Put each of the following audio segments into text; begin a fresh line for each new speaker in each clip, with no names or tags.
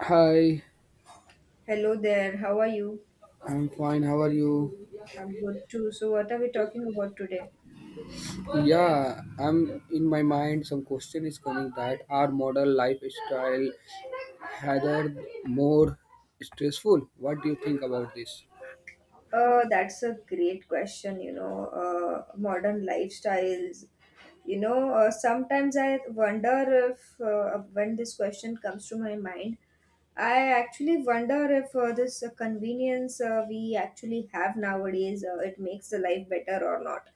Hi,
Hello there, how are you?
I'm fine. How are you?
I'm good too. So, what are we talking about today?
Yeah, I'm in my mind. Some question is coming that our modern lifestyle rather more stressful. What do you think about this?
That's a great question, modern lifestyles. Sometimes I wonder if, when this question comes to my mind, I actually wonder if this convenience we actually have nowadays, it makes the life better or not.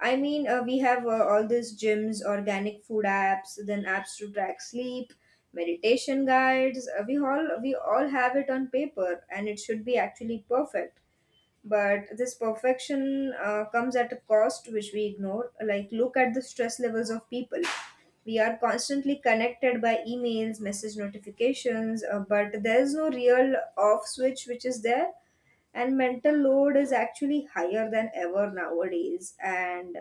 We have all these gyms, organic food apps, then apps to track sleep, meditation guides. We all have it on paper, and it should be actually perfect, but this perfection comes at a cost which we ignore. Like, look at the stress levels of people. We are constantly connected by emails, message notifications, but there's no real off switch which is there, and mental load is actually higher than ever nowadays. And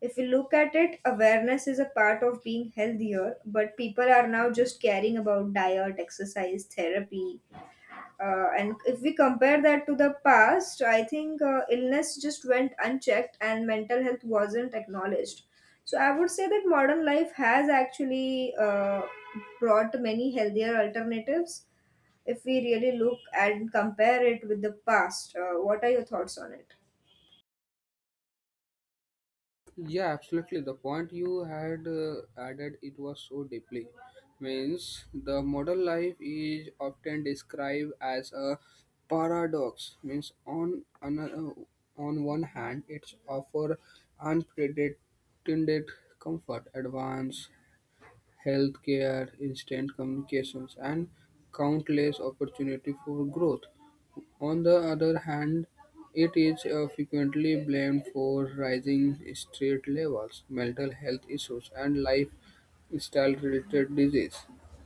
if you look at it, awareness is a part of being healthier, but people are now just caring about diet, exercise, therapy, and if we compare that to the past, I think illness just went unchecked and mental health wasn't acknowledged. So I would say that modern life has actually brought many healthier alternatives if we really look and compare it with the past. What are your thoughts on it?
Yeah, absolutely. The point you had added it was so deeply. Means the modern life is often described as a paradox. Means on one hand, it's offer unprecedented comfort, advance healthcare, instant communications, and countless opportunity for growth. On the other hand, it is frequently blamed for rising street levels, mental health issues, and lifestyle-related disease.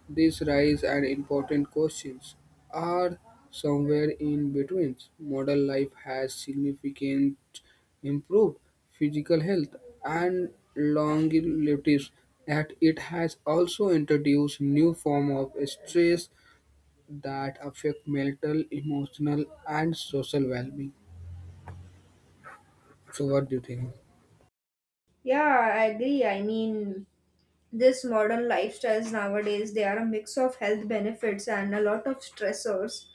These rise and important questions are somewhere in between. Modern life has significant improved physical health and longevity, that it has also introduced new form of stress that affect mental, emotional, and social well-being. So, what do you think?
Yeah, I agree. I mean, this modern lifestyles nowadays, they are a mix of health benefits and a lot of stressors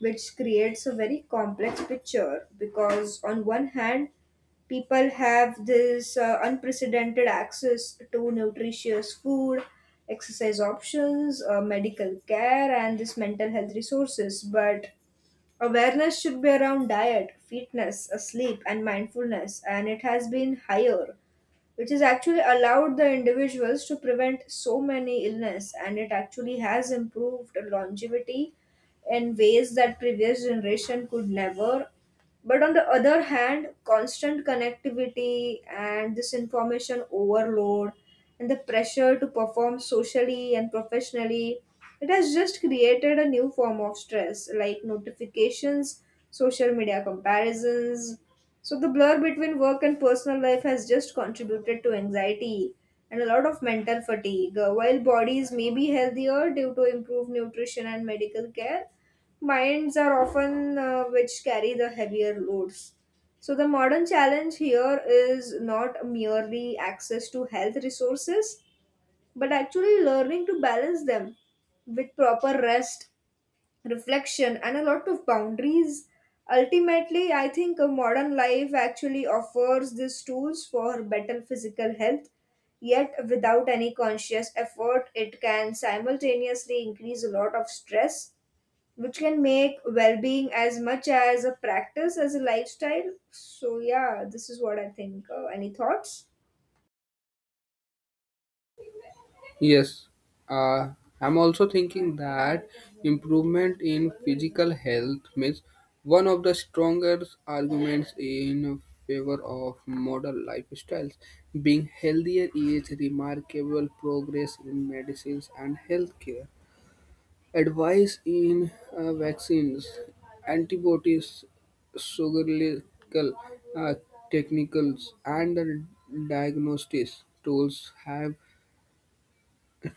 which creates a very complex picture, because on one hand, people have this unprecedented access to nutritious food, exercise options, medical care, and this mental health resources, but awareness should be around diet, fitness, sleep, and mindfulness, and it has been higher, which has actually allowed the individuals to prevent so many illness, and it actually has improved longevity in ways that previous generation could never. But on the other hand, constant connectivity and this information overload and the pressure to perform socially and professionally, it has just created a new form of stress, like notifications, social media comparisons. So the blur between work and personal life has just contributed to anxiety and a lot of mental fatigue. While bodies may be healthier due to improved nutrition and medical care, minds are often which carry the heavier loads. So the modern challenge here is not merely access to health resources, but actually learning to balance them with proper rest, reflection, and a lot of boundaries. Ultimately, I think a modern life actually offers these tools for better physical health, yet, without any conscious effort, it can simultaneously increase a lot of stress, which can make well being as much as a practice as a lifestyle. So, yeah, this is what I think. Any thoughts?
Yes, uh, I'm also thinking that improvement in physical health means one of the strongest arguments in favor of modern lifestyles. Being healthier is remarkable progress in medicines and healthcare. Advice in vaccines, antibiotics, surgical uh, technicals, and the diagnostics tools have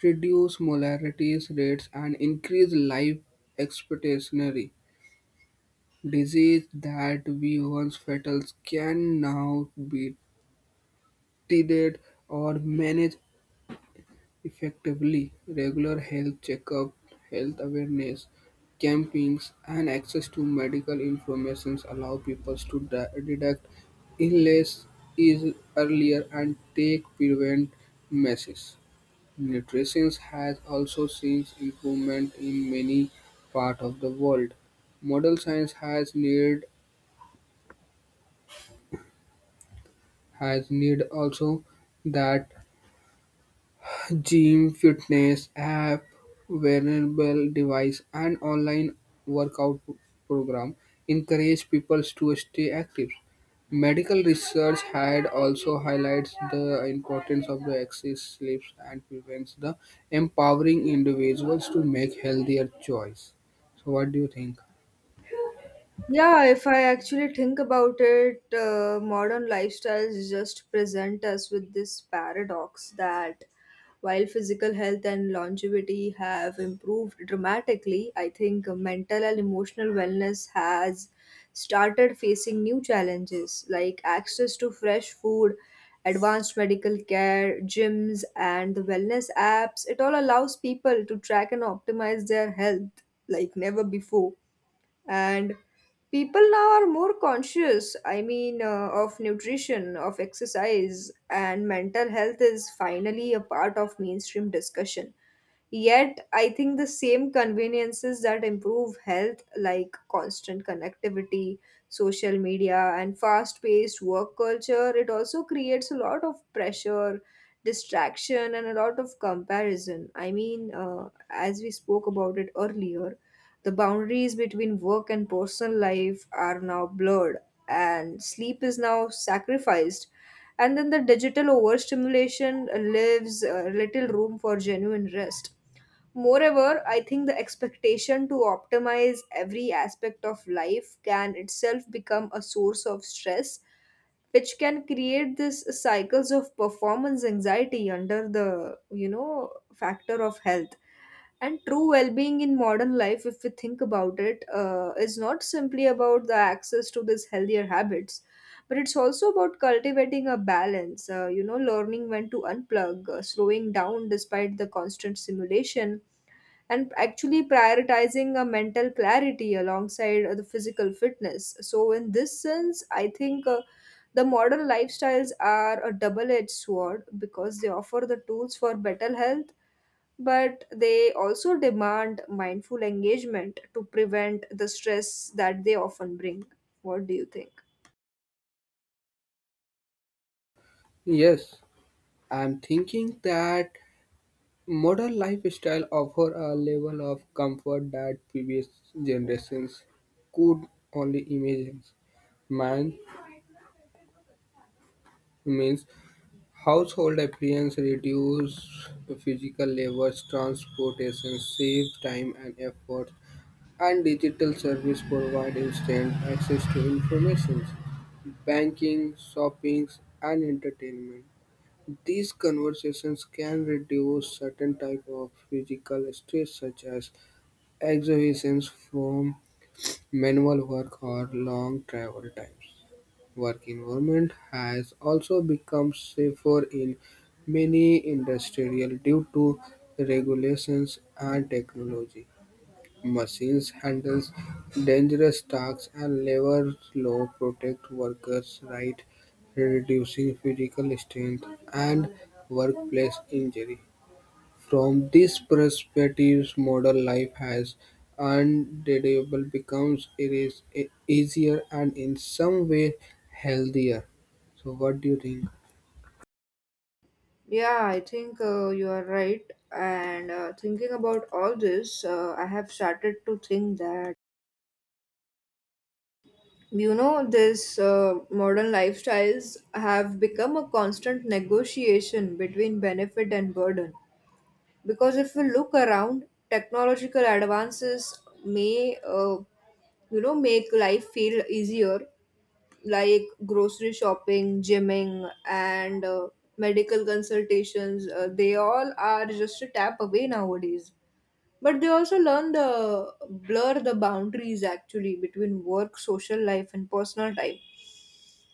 reduced molarity rates and increased life expectancy. Disease that we once fatal can now be treated or managed. Effectively, regular health checkup, health awareness campaigns, and access to medical information allow people to detect illness is earlier and take prevent measures. Nutrition has also seen improvement in many parts of the world. Modern science has need also that gym, fitness app, wearable device, and online workout program encourage people to stay active. Medical research had also highlights the importance of the excess sleep and prevents the empowering individuals to make healthier choice. So what do you think?
Yeah, if I actually think about it, modern lifestyles just present us with this paradox that while physical health and longevity have improved dramatically, I think mental and emotional wellness has started facing new challenges, like access to fresh food, advanced medical care, gyms, and the wellness apps. It all allows people to track and optimize their health like never before, and people now are more conscious, of nutrition, of exercise, and mental health is finally a part of mainstream discussion. Yet, I think the same conveniences that improve health, like constant connectivity, social media, and fast paced work culture, it also creates a lot of pressure, distraction, and a lot of comparison. As we spoke about it earlier, the boundaries between work and personal life are now blurred, and sleep is now sacrificed, and then the digital overstimulation leaves little room for genuine rest. Moreover, I think the expectation to optimize every aspect of life can itself become a source of stress, which can create this cycles of performance anxiety under the, factor of health. And true well-being in modern life, if we think about it, is not simply about the access to these healthier habits, but it's also about cultivating a balance. Learning when to unplug, slowing down despite the constant stimulation, and actually prioritizing a mental clarity alongside the physical fitness. So, in this sense, I think the modern lifestyles are a double edged sword, because they offer the tools for better health, but they also demand mindful engagement to prevent the stress that they often bring. What do you think?
Yes, I'm thinking that modern lifestyle offer a level of comfort that previous generations could only imagine. Man means household appliance reduce physical labor, transportation, save time and effort, and digital service provide instant access to information, banking, shopping, and entertainment. These conversations can reduce certain type of physical stress such as exhibitions from manual work or long travel times. Work environment has also become safer in many industrial due to regulations and technology. Machines handles dangerous tasks and labor law protect workers' right, reducing physical strength and workplace injury. From this perspective, modern life has undeniable becomes it is easier and in some way healthier. So what do you think?
Yeah, I think you are right. And thinking about all this, I have started to think that. This modern lifestyles have become a constant negotiation between benefit and burden. Because if we look around, technological advances may, make life feel easier, like grocery shopping, gymming, and medical consultations. They all are just a tap away nowadays. But they also learn the blur the boundaries actually between work, social life, and personal time.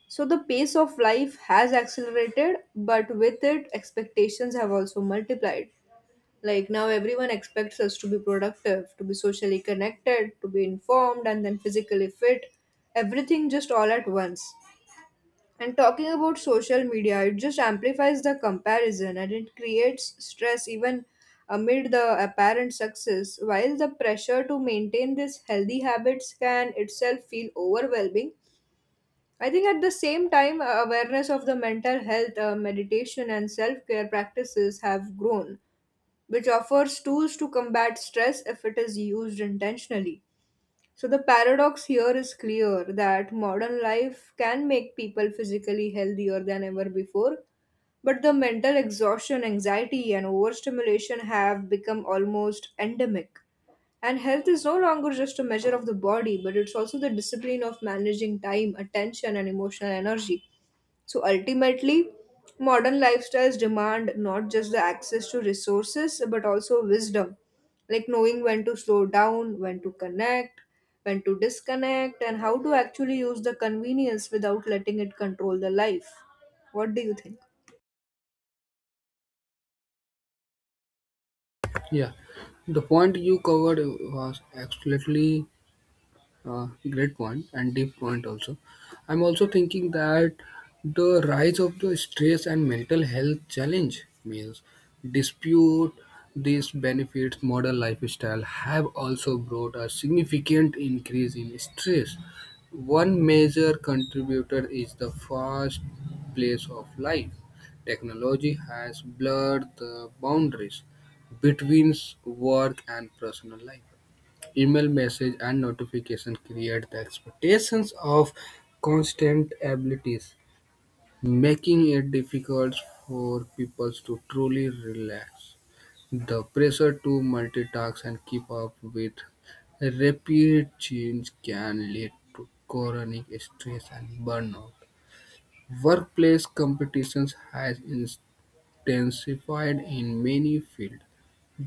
So the pace of life has accelerated, but with it, expectations have also multiplied. Like now, everyone expects us to be productive, to be socially connected, to be informed, and then physically fit. Everything just all at once. And talking about social media, it just amplifies the comparison, and it creates stress even amid the apparent success. While the pressure to maintain these healthy habits can itself feel overwhelming, I think at the same time, awareness of the mental health, meditation, and self care practices have grown, which offers tools to combat stress if it is used intentionally. So the paradox here is clear that modern life can make people physically healthier than ever before, but the mental exhaustion, anxiety, and overstimulation have become almost endemic. And health is no longer just a measure of the body, but it's also the discipline of managing time, attention, and emotional energy. So ultimately, modern lifestyles demand not just the access to resources but also wisdom, like knowing when to slow down, when to connect, when to disconnect, and how to actually use the convenience without letting it control the life. What do you think?
Yeah, the point you covered was absolutely great point and deep point also. I'm also thinking that the rise of the stress and mental health challenge means dispute these benefits modern lifestyle have also brought a significant increase in stress. One major contributor is the fast pace of life. Technology has blurred the boundaries between work and personal life. Email messages and notifications create the expectations of constant abilities, making it difficult for people to truly relax. The pressure to multitask and keep up with rapid change can lead to chronic stress and burnout. Workplace competitions has intensified in many fields.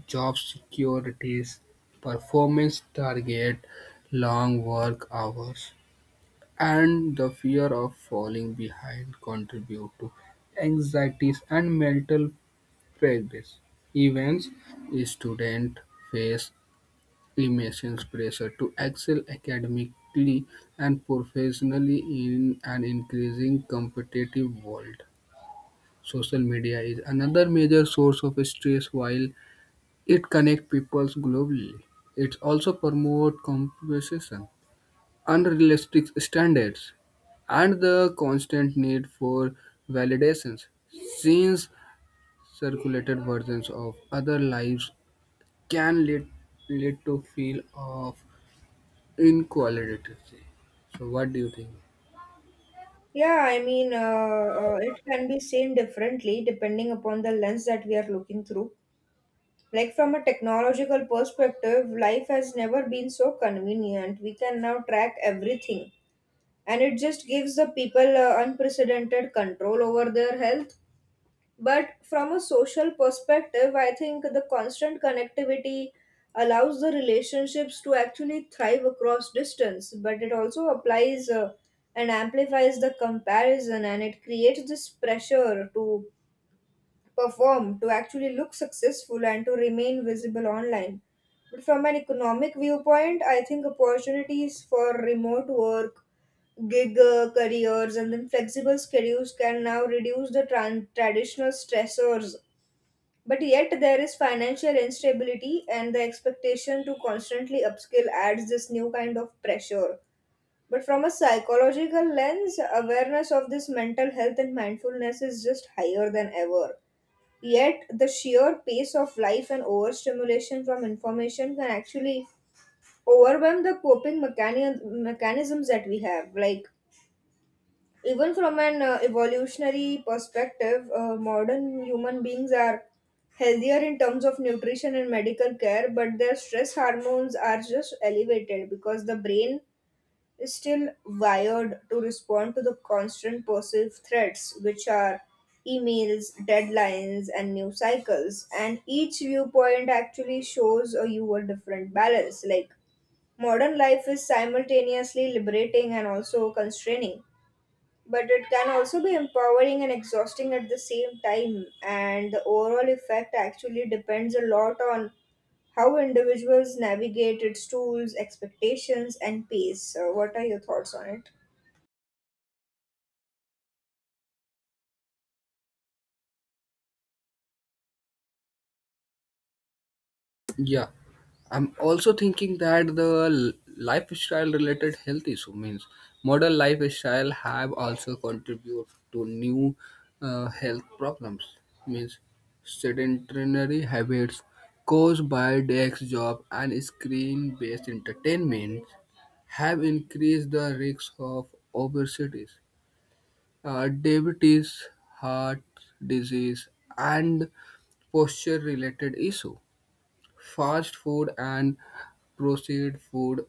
Job securities, performance target, long work hours, and the fear of falling behind contribute to anxieties and mental pressures. Events students face immense pressure to excel academically and professionally in an increasing competitive world. Social media is another major source of stress while it connects people globally; it also promotes competition, unrealistic standards, and the constant need for validations. Since circulated versions of other lives can lead to feel of inequality. So what do you think?
Yeah, it can be seen differently depending upon the lens that we are looking through. Like, from a technological perspective, life has never been so convenient. We can now track everything, and it just gives the people unprecedented control over their health. But from a social perspective, I think the constant connectivity allows the relationships to actually thrive across distance, but it also applies and amplifies the comparison, and it creates this pressure to perform, to actually look successful, and to remain visible online. But from an economic viewpoint, I think opportunities for remote work, gig careers, and then flexible schedules can now reduce the traditional stressors. But yet, there is financial instability, and the expectation to constantly upskill adds this new kind of pressure. But from a psychological lens, awareness of this mental health and mindfulness is just higher than ever. Yet, the sheer pace of life and overstimulation from information can actually overwhelm the coping mechanisms that we have. Like, even from an evolutionary perspective, modern human beings are healthier in terms of nutrition and medical care, but their stress hormones are just elevated because the brain is still wired to respond to the constant perceived threats, which are emails, deadlines, and news cycles. And each viewpoint actually shows a you a different balance. Like, modern life is simultaneously liberating and also constraining, but it can also be empowering and exhausting at the same time, and the overall effect actually depends a lot on how individuals navigate its tools, expectations, and pace. So what are your thoughts on it?
Yeah, I'm also thinking that the lifestyle related health issue means modern lifestyle have also contribute to new health problems means sedentary habits caused by desk job and screen based entertainment have increased the risk of obesity, diabetes, heart disease, and posture related issue. Fast food and processed food,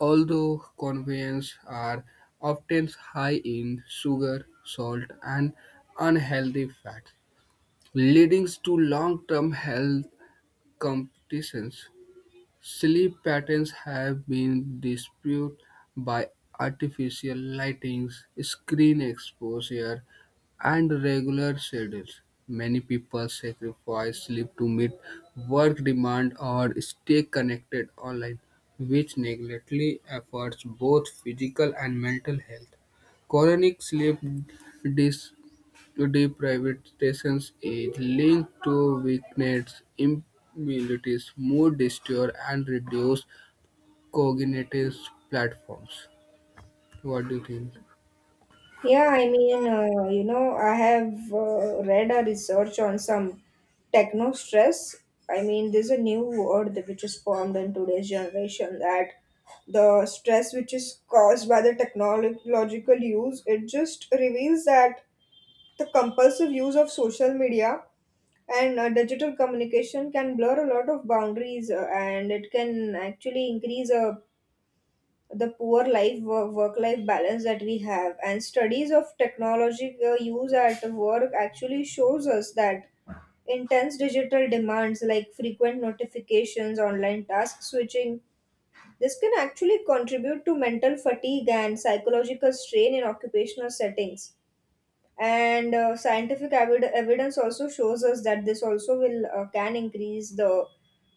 although convenience, are often high in sugar, salt, and unhealthy fats, leading to long-term health complications. Sleep patterns have been disputed by artificial lighting, screen exposure, and regular schedules. Many people sacrifice sleep to meet work demand or stay connected online, which negatively affects both physical and mental health. Chronic sleep deprivatizations is linked to weakened immunities, mood disorders, and reduced cognitive platforms. What do you think?
I have read a research on some techno stress. I mean, there's a new word which is formed in today's generation, that the stress which is caused by the technological use, it just reveals that the compulsive use of social media and digital communication can blur a lot of boundaries, and it can actually increase the poor life, work life balance that we have. And studies of technology use at work actually shows us that intense digital demands, like frequent notifications, online task switching, this can actually contribute to mental fatigue and psychological strain in occupational settings. And scientific evidence also shows us that this also will can increase the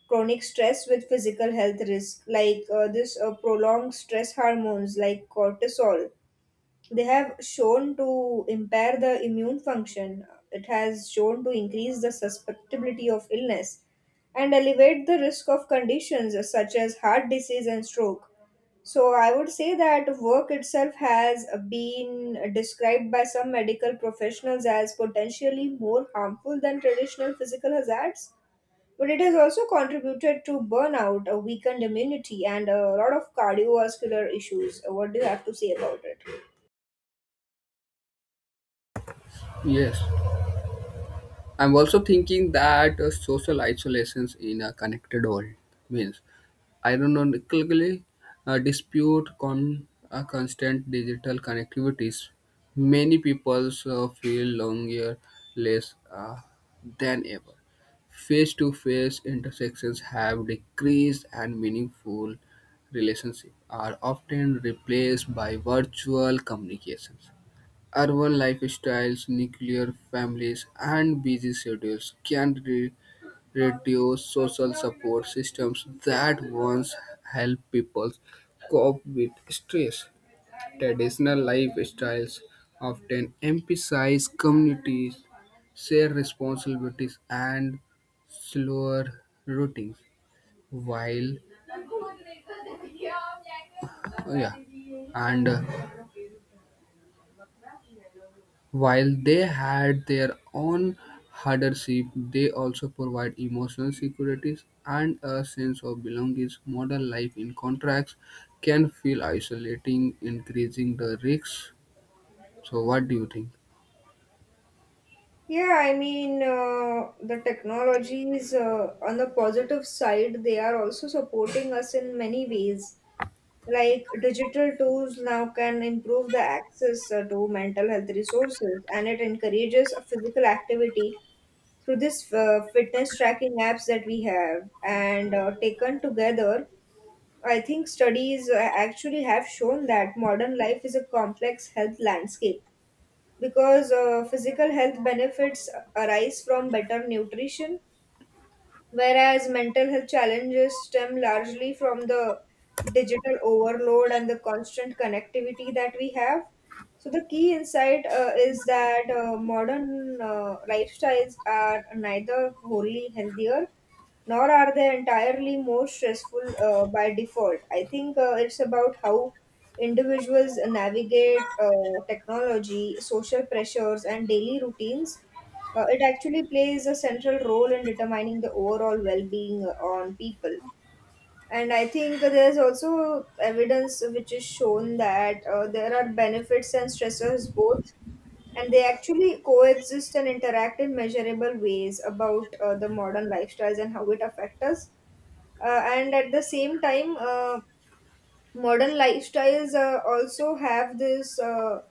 chronic stress with physical health risk, like this prolonged stress hormones like cortisol, they have shown to impair the immune function. It has shown to increase the susceptibility of illness and elevate the risk of conditions such as heart disease and stroke. So, I would say that work itself has been described by some medical professionals as potentially more harmful than traditional physical hazards. But it has also contributed to burnout, a weakened immunity, and a lot of cardiovascular issues. What do you have to say about it?
Yes. I'm also thinking that social isolations in a connected world means ironically, dispute constant digital connectivities. Many people feel longer, less than ever. Face-to-face intersections have decreased, and meaningful relationships are often replaced by virtual communications. Urban lifestyles, nuclear families, and busy schedules can reduce social support systems that once helped people cope with stress. Traditional lifestyles often emphasize communities, shared responsibilities, and slower routines, while yeah, and while they had their own hardship, they also provide emotional security and a sense of belonging. Modern life in contracts can feel isolating, increasing the risks. So, what do you think?
The technologies on the positive side, they are also supporting us in many ways. Like digital tools now can improve the access to mental health resources, and it encourages a physical activity through this fitness tracking apps that we have. And Taken together, I think studies actually have shown that modern life is a complex health landscape because physical health benefits arise from better nutrition, whereas mental health challenges stem largely from the digital overload and the constant connectivity that we have. So, the key insight is that modern lifestyles are neither wholly healthier nor are they entirely more stressful by default. I think it's about how individuals navigate technology, social pressures, and daily routines. It actually plays a central role in determining the overall well-being on people. And I think there's also evidence which is shown that there are benefits and stressors both, and they actually coexist and interact in measurable ways about the modern lifestyles and how it affects us. And at the same time, modern lifestyles also have this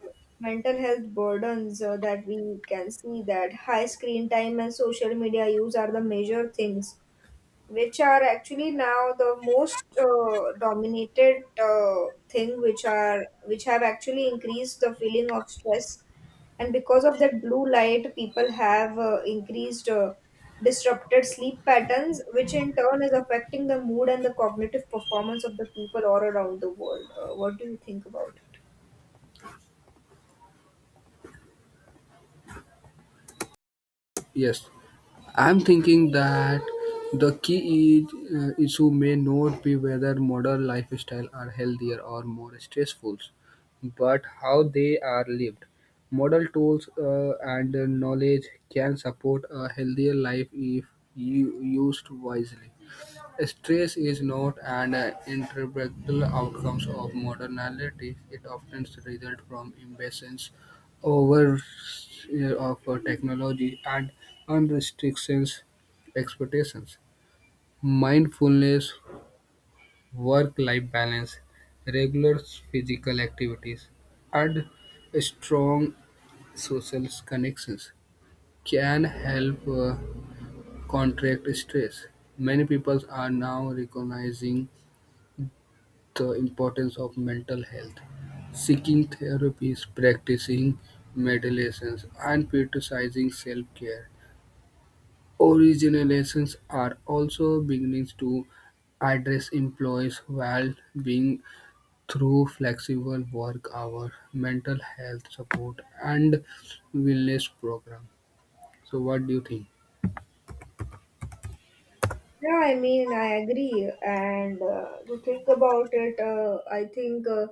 mental health burdens that we can see that high screen time and social media use are the major things which are actually now the most dominated thing which have actually increased the feeling of stress. And because of that blue light, people have increased disrupted sleep patterns, which in turn is affecting the mood and the cognitive performance of the people all around the world. What do you think about?
Yes. I'm thinking that the key is, issue may not be whether modern lifestyle are healthier or more stressful, but how they are lived. Model tools and knowledge can support a healthier life if used wisely. Stress is not an inevitable outcome of modernity. It often results from imbalance overview of technology and unrestricted expectations, mindfulness, work-life balance, regular physical activities, and strong social connections can help contract stress. Many people are now recognizing the importance of mental health seeking therapies, practicing meditations, and prioritizing self care. Organizations are also beginning to address employees' well-being through flexible work hours, mental health support, and wellness programs. So, what do you think?
Yeah, I mean, I agree. And To think about it, I think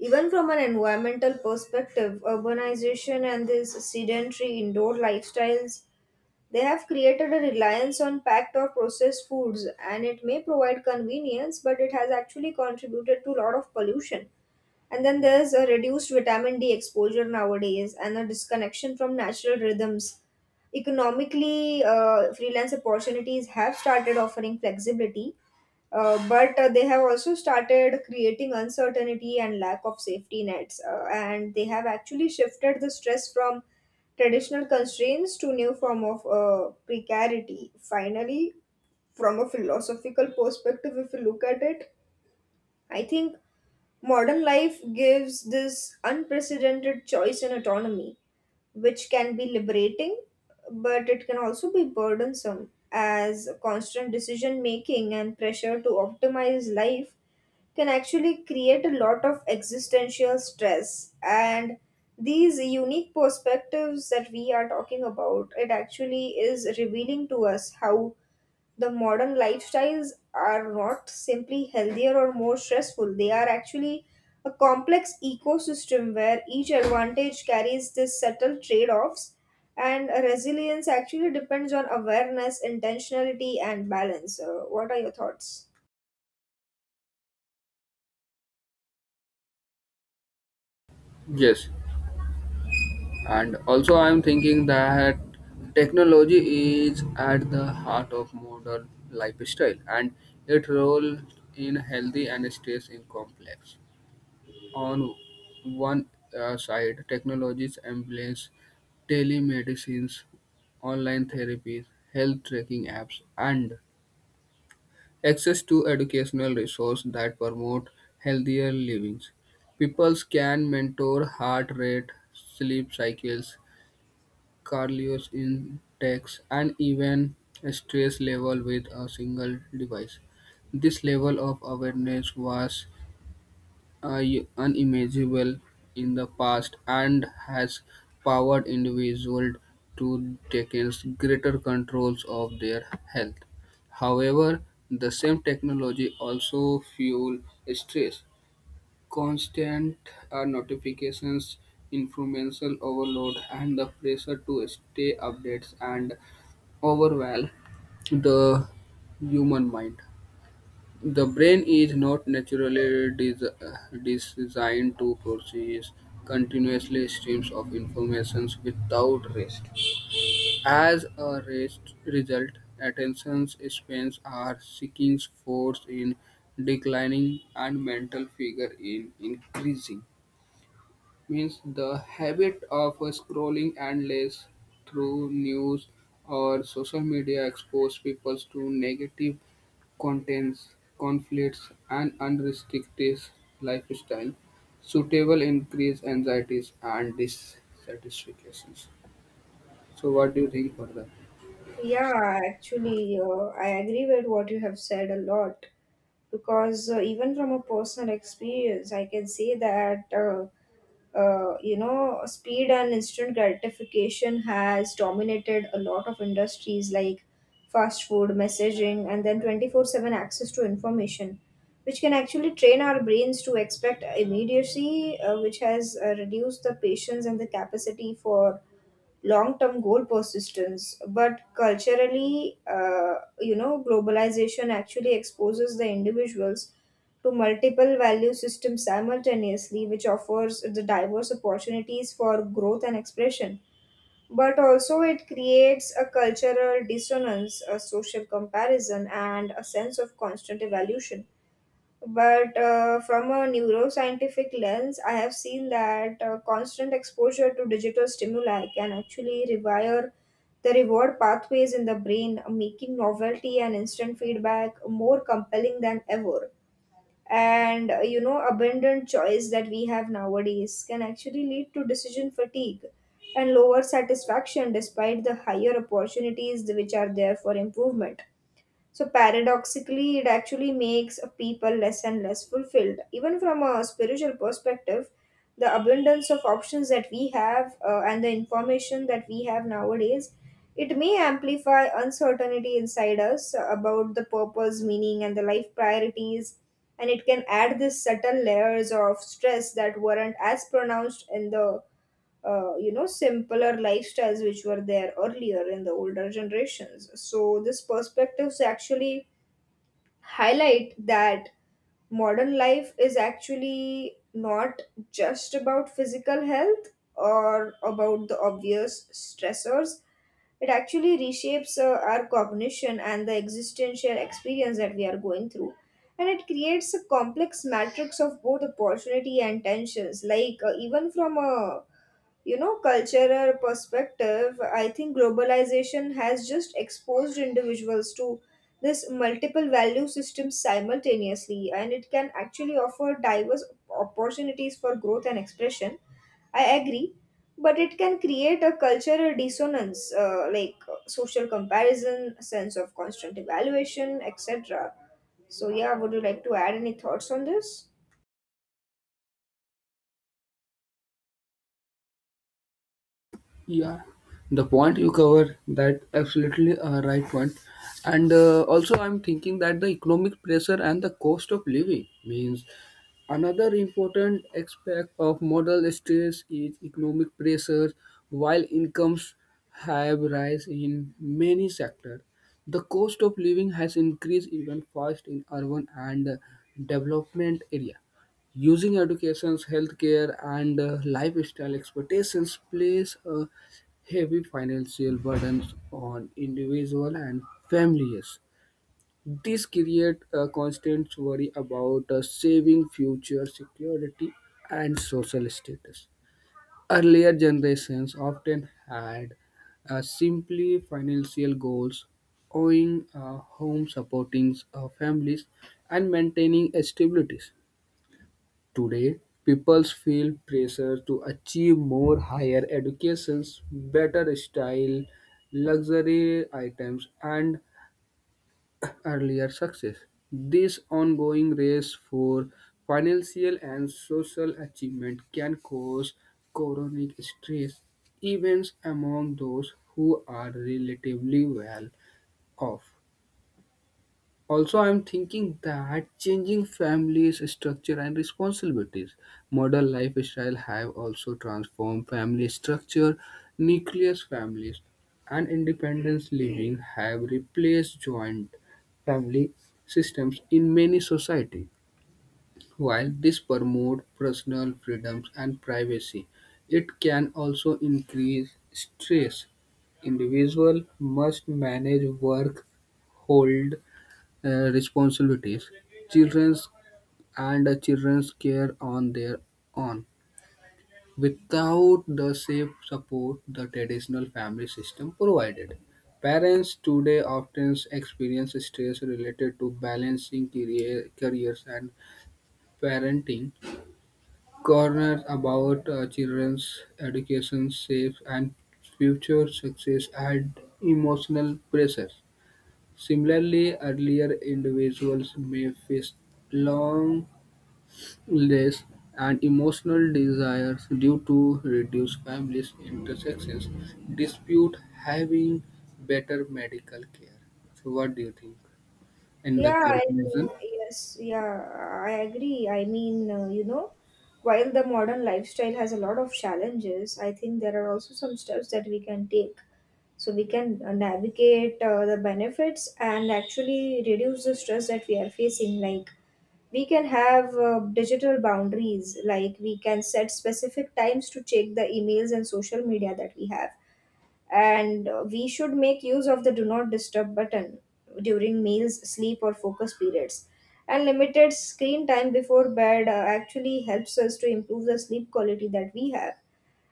even from an environmental perspective, urbanization and these sedentary indoor lifestyles, they have created a reliance on packed or processed foods, and it may provide convenience, but it has actually contributed to a lot of pollution. And then there's a reduced vitamin D exposure nowadays and a disconnection from natural rhythms. Economically, freelance opportunities have started offering flexibility, but they have also started creating uncertainty and lack of safety nets. And they have actually shifted the stress from traditional constraints to new form of precarity. Finally, from a philosophical perspective, if you look at it, I think modern life gives this unprecedented choice and autonomy, which can be liberating, but it can also be burdensome, as constant decision making and pressure to optimize life can actually create a lot of existential stress. And these unique perspectives that we are talking about, it actually is revealing to us how the modern lifestyles are not simply healthier or more stressful. They are actually a complex ecosystem where each advantage carries this subtle trade-offs, and resilience actually depends on awareness, intentionality, and balance. What are your thoughts?
Yes, and also I am thinking that technology is at the heart of modern lifestyle, and its role in healthy and stress is complex. On one side, technologies embrace telemedicines, online therapies, health tracking apps, and access to educational resources that promote healthier livings. People can mentor heart rate, sleep cycles, cardio intakes, and even stress level with a single device. This level of awareness was unimaginable in the past and has powered individuals to take greater controls of their health. However, the same technology also fuel stress, constant notifications, informational overload, and the pressure to stay updates and overwhelm the human mind. The brain is not naturally designed to process continuously streams of information without rest. As a rest result, attention spans are seeking force in declining and mental figure in increasing means the habit of scrolling endless through news or social media expose people to negative contents, conflicts, and unrestricted lifestyle. Suitable increase anxieties and dissatisfactions. So, what do you think further?
Yeah, actually, I agree with what you have said a lot because even from a personal experience, I can say that you know, speed and instant gratification has dominated a lot of industries like fast food, messaging, and then 24/7 access to information, which can actually train our brains to expect immediacy, which has reduced the patience and the capacity for long-term goal persistence. But culturally, you know, globalization actually exposes the individuals to multiple value systems simultaneously, which offers the diverse opportunities for growth and expression, but also it creates a cultural dissonance, a social comparison, and a sense of constant evolution. But from a neuroscientific lens, I have seen that constant exposure to digital stimuli can actually rewire the reward pathways in the brain, making novelty and instant feedback more compelling than ever. And you know, abundant choice that we have nowadays can actually lead to decision fatigue and lower satisfaction despite the higher opportunities which are there for improvement. So paradoxically, it actually makes a people less and less fulfilled. Even from a spiritual perspective, the abundance of options that we have and the information that we have nowadays, it may amplify uncertainty inside us about the purpose, meaning, and the life priorities. And it can add this subtle layers of stress that weren't as pronounced in the you know, simpler lifestyles which were there earlier in the older generations. So this perspectives actually highlight that modern life is actually not just about physical health or about the obvious stressors. It actually reshapes our cognition and the existential experience that we are going through, and it creates a complex matrix of both opportunity and tensions. Like, even from a, you know, cultural perspective, I think globalization has just exposed individuals to this multiple value systems simultaneously, and it can actually offer diverse opportunities for growth and expression, I agree, but it can create a cultural dissonance, like social comparison, sense of constant evaluation, etc. So yeah, would you like to add any thoughts on this?
Yeah, the point you cover that absolutely a right point, and also I'm thinking that the economic pressure and the cost of living means another important aspect of modal stress is economic pressure. While incomes have rise in many sectors, the cost of living has increased even fast in urban and development area using educations, healthcare, and lifestyle expectations place a heavy financial burden on individual and families. This creates a constant worry about saving future security and social status. Earlier generations often had simply financial goals, owning a home, supporting families, and maintaining stabilities. Today, people feel pressure to achieve more higher educations, better style, luxury items, and earlier success. This ongoing race for financial and social achievement can cause chronic stress, even among those who are relatively well off. Also, I'm thinking that changing families' structure and responsibilities. Modern lifestyle have also transformed family structure. Nucleus families and independence living have replaced joint family systems in many societies. While this promotes personal freedoms and privacy, it can also increase stress. Individual must manage work, hold responsibilities children's children's care on their own without the safe support the traditional family system provided. Parents today often experience stress related to balancing careers and parenting corners about children's education safe and future success and emotional pressures. Similarly, earlier individuals may face long loneliness and emotional desires due to reduced family intersections, dispute having better medical care. So, what do you think? In the
Yeah, I mean,
conclusion,
yes, yeah, I agree. I mean, you know, while the modern lifestyle has a lot of challenges, I think there are also some steps that we can take. So we can navigate the benefits and actually reduce the stress that we are facing. Like, we can have digital boundaries, like, we can set specific times to check the emails and social media that we have, and we should make use of the do not disturb button during meals, sleep, or focus periods, and limited screen time before bed actually helps us to improve the sleep quality that we have.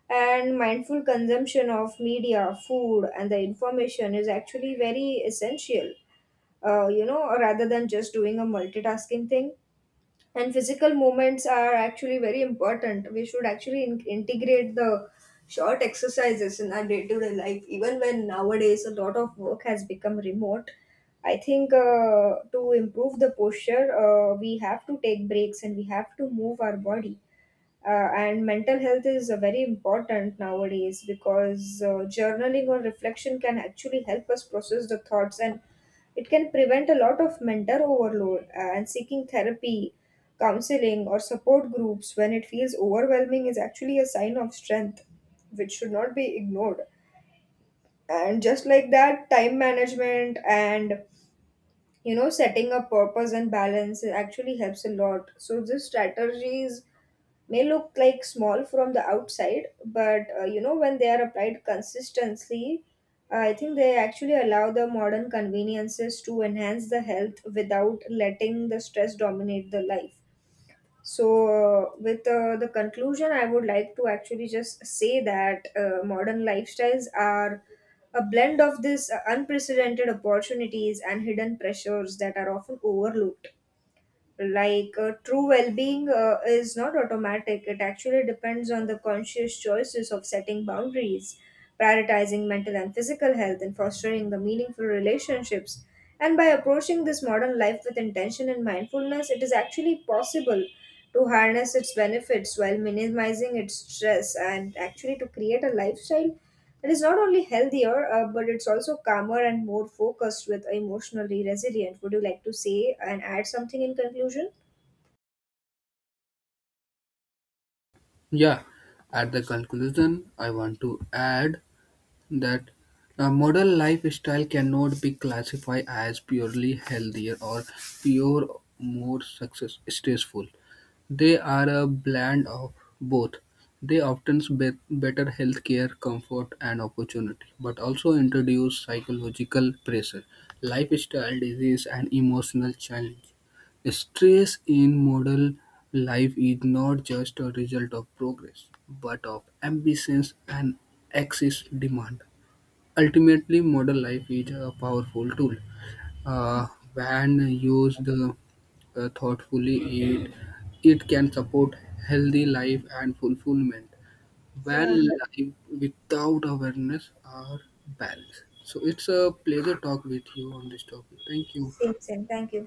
And mindful consumption of media, food, and the information is actually very essential, you know, rather than just doing a multitasking thing. And physical movements are actually very important. We should actually integrate the short exercises in our day-to-day life, even when nowadays a lot of work has become remote. I think, to improve the posture, we have to take breaks and we have to move our body. And mental health is very important nowadays because journaling or reflection can actually help us process the thoughts, and it can prevent a lot of mental overload. And seeking therapy, counseling, or support groups when it feels overwhelming is actually a sign of strength which should not be ignored. And just like that, time management and, you know, setting a purpose and balance, it actually helps a lot. So these strategies may look like small from the outside, but, you know, when they are applied consistently, I think they actually allow the modern conveniences to enhance the health without letting the stress dominate the life. So, with the conclusion, I would like to actually just say that modern lifestyles are a blend of these unprecedented opportunities and hidden pressures that are often overlooked. Like, true well-being is not automatic. It actually depends on the conscious choices of setting boundaries, prioritizing mental and physical health, and fostering the meaningful relationships. And by approaching this modern life with intention and mindfulness, it is actually possible to harness its benefits while minimizing its stress, and actually to create a lifestyle it is not only healthier, but it's also calmer and more focused with emotionally resilient. Would you like to say and add something in conclusion?
yeah, at the conclusion, I want to add that a modern lifestyle cannot be classified as purely healthier or pure more success stressful. They are a blend of both. They often better healthcare, comfort, and opportunity, but also introduce psychological pressure, lifestyle disease, and emotional challenge. Stress in modern life is not just a result of progress, but of ambitions and excess demand. Ultimately, modern life is a powerful tool. Uh, when used thoughtfully, it it can support healthy life and fulfillment. When
Yeah.
life without awareness are balance. So it's a pleasure talk with you on this topic. Thank you.
Same, same. Thank you.